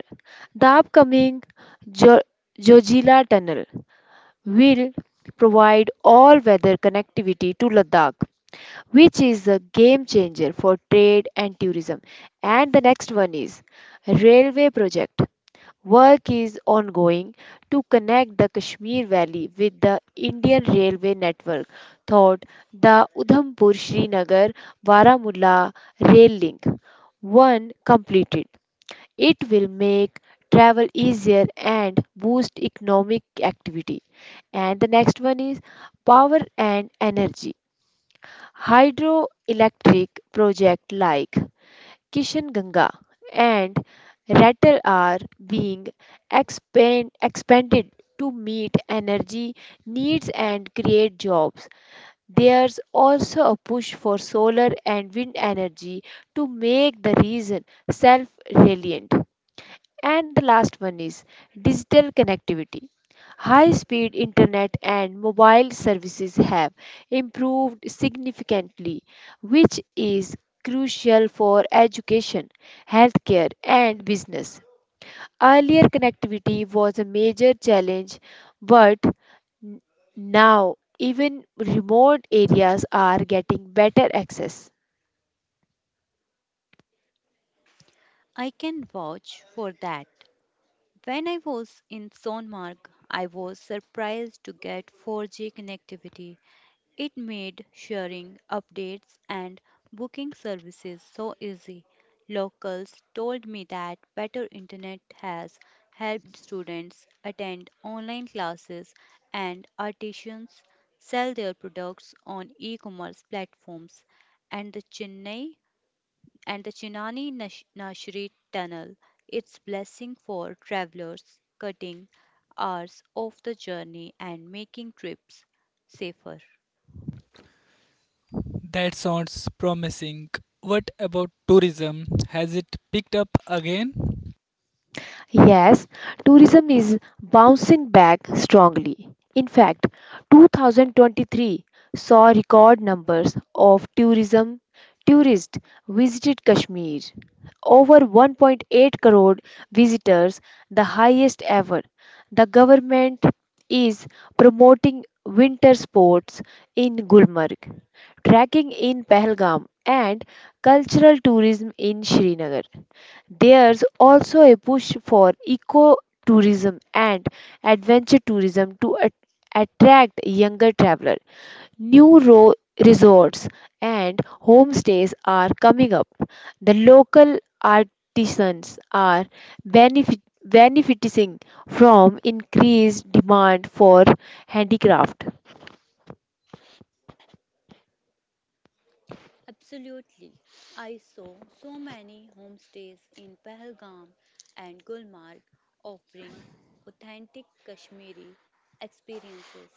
B: The upcoming jo- Jojila Tunnel will provide all weather connectivity to Ladakh, which is a game changer for trade and tourism. And the next one is railway project. Work is ongoing to connect the Kashmir Valley with the Indian railway network, thought the Udhampur Srinagar Baramulla rail link. One completed, it will make travel easier and boost economic activity. And the next one is power and energy. Hydroelectric projects like Kishan Ganga and Ratle are being expand, expanded to meet energy needs and create jobs. There's also a push for solar and wind energy to make the region self reliant. And the last one is digital connectivity. High speed internet and mobile services have improved significantly, which is crucial for education, healthcare, and business. Earlier, connectivity was a major challenge, but n- now even remote areas are getting better access.
C: I can vouch for that. When I was in Sonmark, I was surprised to get four G connectivity. It made sharing updates and booking services so easy. Locals told me that better internet has helped students attend online classes and artisans sell their products on e-commerce platforms. And the Chennai and the Chennai Nash- Nashri tunnel, its blessing for travelers, cutting hours off the journey and making trips safer.
A: That sounds promising. What about tourism? Has it picked up again?
B: Yes, tourism is bouncing back strongly. In fact, two thousand twenty-three saw record numbers of tourism tourists visited Kashmir. Over one point eight crore visitors, the highest ever. The government is promoting winter sports in Gulmarg, trekking in Pahalgam, and cultural tourism in Srinagar. There's also a push for eco tourism and adventure tourism to at- attract younger travelers. New ro- Resorts and homestays are coming up. The local artisans are benefit- benefiting from increased demand for handicraft.
C: Absolutely. I saw so many homestays in Pahalgam and Gulmarg offering authentic Kashmiri experiences.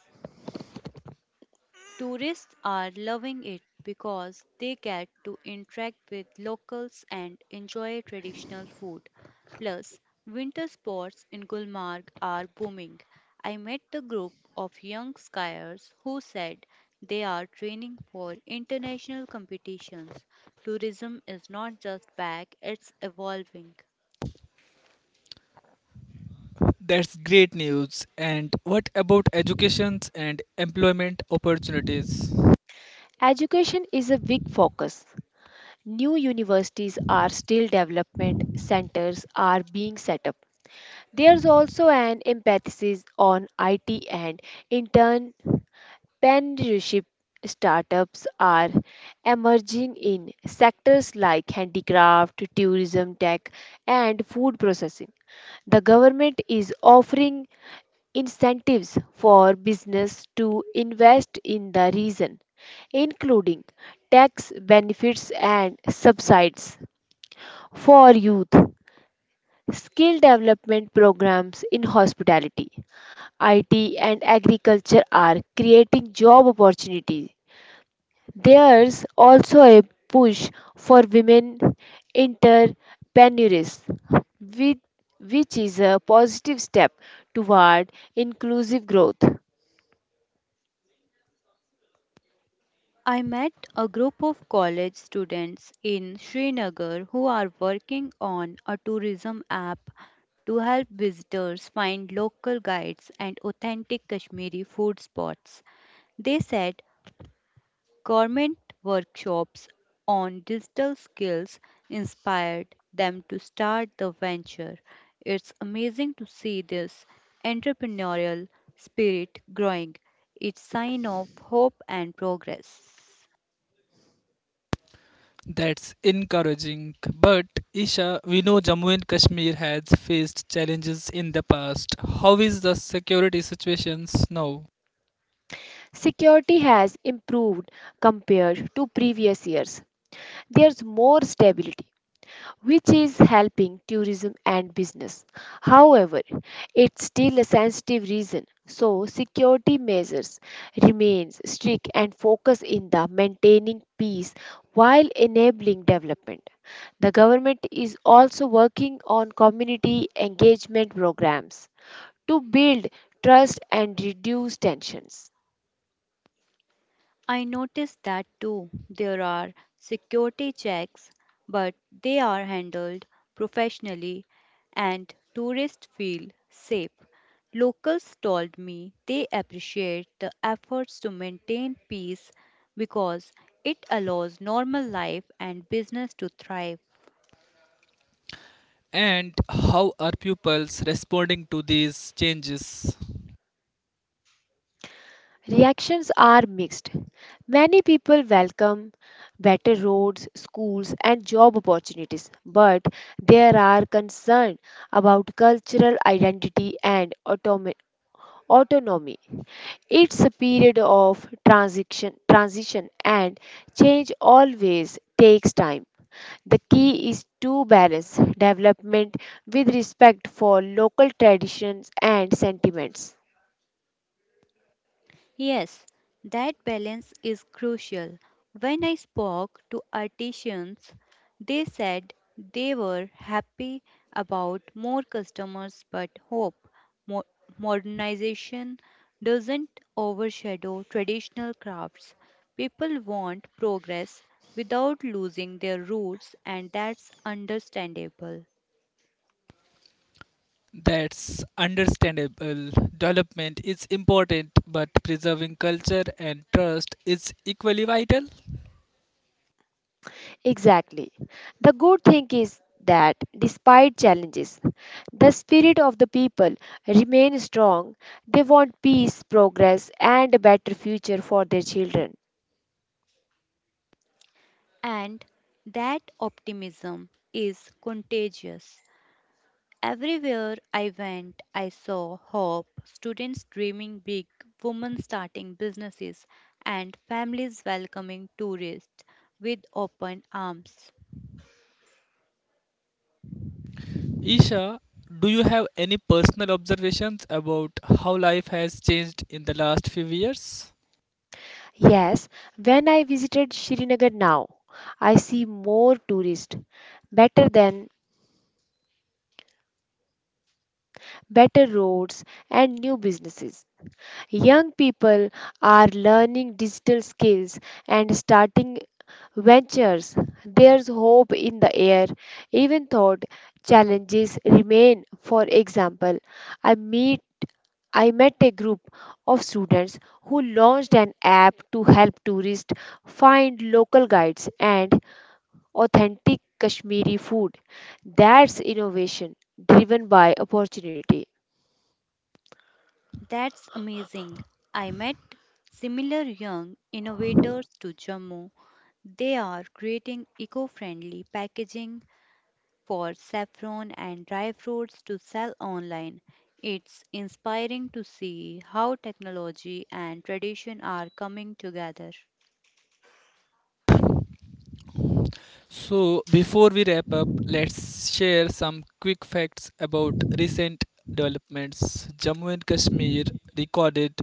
C: Tourists are loving it because they get to interact with locals and enjoy traditional food. Plus, winter sports in Gulmarg are booming. I met a group of young skiers who said they are training for international competitions. Tourism is not just back, it's evolving.
A: That's great news. And what about educations and employment opportunities?
B: Education is a big focus. New universities are still development centers are being set up. There's also an emphasis on I T and entrepreneurship. Startups are emerging in sectors like handicraft, tourism, tech, and food processing. The government is offering incentives for business to invest in the region, including tax benefits and subsidies for youth, skill development programs in hospitality, I T and agriculture are creating job opportunities. There's also a push for women entrepreneurs, which, which is a positive step toward inclusive growth.
C: I met a group of college students in Srinagar who are working on a tourism app to help visitors find local guides and authentic Kashmiri food spots. They said government workshops on digital skills inspired them to start the venture. It's amazing to see this entrepreneurial spirit growing. It's sign of hope and progress.
A: That's encouraging. But Isha, we know Jammu and Kashmir has faced challenges in the past. How is the security situations now?
B: Security has improved compared to previous years. There's more stability which is helping tourism and business. However, it's still a sensitive region, so security measures remains strict and focus in the maintaining peace while enabling development. The government is also working on community engagement programs to build trust and reduce tensions.
C: I noticed that too. There are security checks, but they are handled professionally and tourists feel safe. Locals told me they appreciate the efforts to maintain peace because it allows normal life and business to thrive.
A: And how are pupils responding to these changes?
B: Reactions are mixed. Many people welcome better roads, schools, and job opportunities, but there are concerns about cultural identity and automi- autonomy. It's a period of transition, transition, and change always takes time. The key is to balance development with respect for local traditions and sentiments.
C: Yes, that balance is crucial. When I spoke to artisans, they said they were happy about more customers but hope mo- modernization doesn't overshadow traditional crafts. People want progress without losing their roots, and that's understandable.
A: That's understandable. Development is important, but preserving culture and trust is equally vital.
B: Exactly. The good thing is that despite challenges, the spirit of the people remains strong. They want peace, progress, and a better future for their children.
C: And that optimism is contagious. Everywhere I went, I saw hope: students dreaming big, women starting businesses, and families welcoming tourists with open arms.
A: Isha, do you have any personal observations about how life has changed in the last few years?
B: Yes, when I visited Srinagar now, I see more tourists, better than better roads and new businesses. Young people are learning digital skills and starting ventures. There's hope in the air, even though challenges remain. For example, I meet I met a group of students who launched an app to help tourists find local guides and authentic Kashmiri food. That's innovation driven by opportunity.
C: That's amazing. I met similar young innovators to Jammu. They are creating eco friendly packaging for saffron and dry fruits to sell online. It's inspiring to see how technology and tradition are coming together.
A: So, before we wrap up, let's share some quick facts about recent developments. Jammu and Kashmir recorded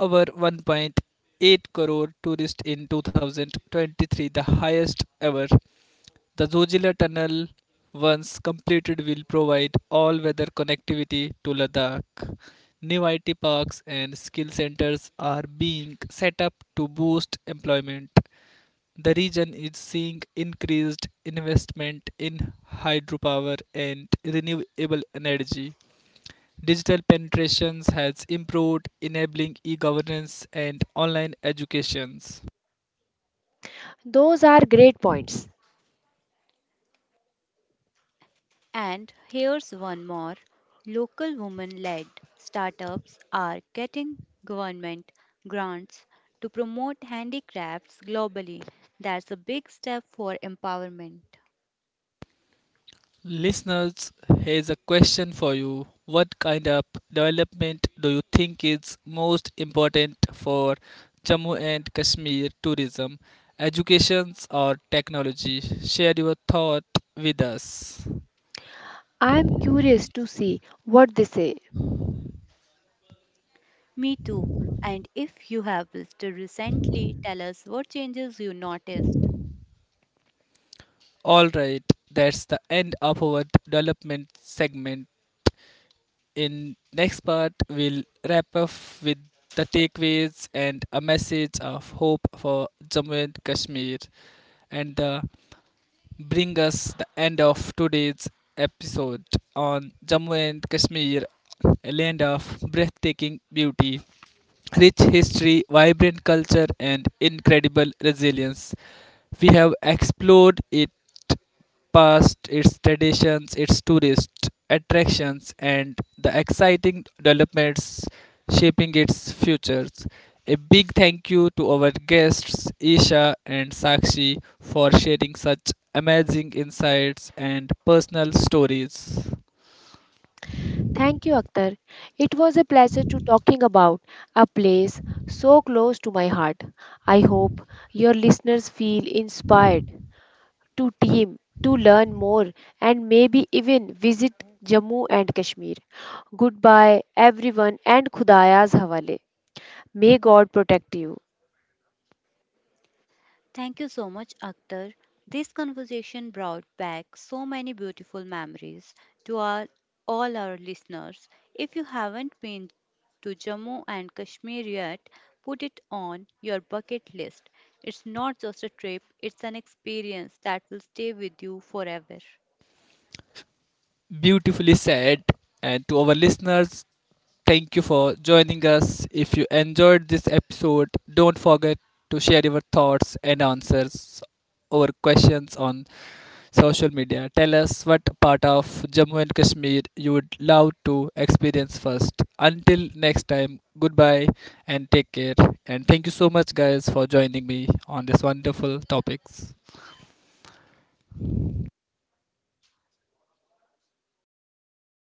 A: over one point eight crore tourists in twenty twenty-three, the highest ever. The Zojila Tunnel, once completed, will provide all weather connectivity to Ladakh. New I T parks and skill centers are being set up to boost employment. The region is seeing increased investment in hydropower and renewable energy. Digital penetrations has improved, enabling e governance and online educations.
B: Those are great points.
C: And here's one more: local woman led startups are getting government grants to promote handicrafts globally. That's a big step for empowerment.
A: Listeners, here's a question for you. What kind of development do you think is most important for Jammu and Kashmir tourism, education, or technology? Share your thought with us.
B: I am curious to see what they say.
C: Me too. And if you have visited recently, tell us what changes you noticed.
A: All right, that's the end of our development segment. In next part, we'll wrap up with the takeaways and a message of hope for Jammu and Kashmir, and uh, bring us the end of today's episode on Jammu and Kashmir, a land of breathtaking beauty, rich history, vibrant culture, and incredible resilience. We have explored it past, its traditions, its tourist attractions, and the exciting developments shaping its futures. A big thank you to our guests, Isha and Sakshi, for sharing such amazing insights and personal stories.
B: Thank you, Akhtar. It was a pleasure to talking about a place so close to my heart. I hope your listeners feel inspired to team, to learn more, and maybe even visit Jammu and Kashmir. Goodbye, everyone, and Khudaya's Hawale. May God protect you.
C: Thank you so much, Akhtar. This conversation brought back so many beautiful memories to our, all our listeners. If you haven't been to Jammu and Kashmir yet, put it on your bucket list. It's not just a trip, it's an experience that will stay with you forever.
A: Beautifully said. And to our listeners, thank you for joining us. If you enjoyed this episode, don't forget to share your thoughts and answers or questions on social media. Tell us what part of Jammu and Kashmir you would love to experience first. Until next time, goodbye and take care. And thank you so much, guys, for joining me on this wonderful topics.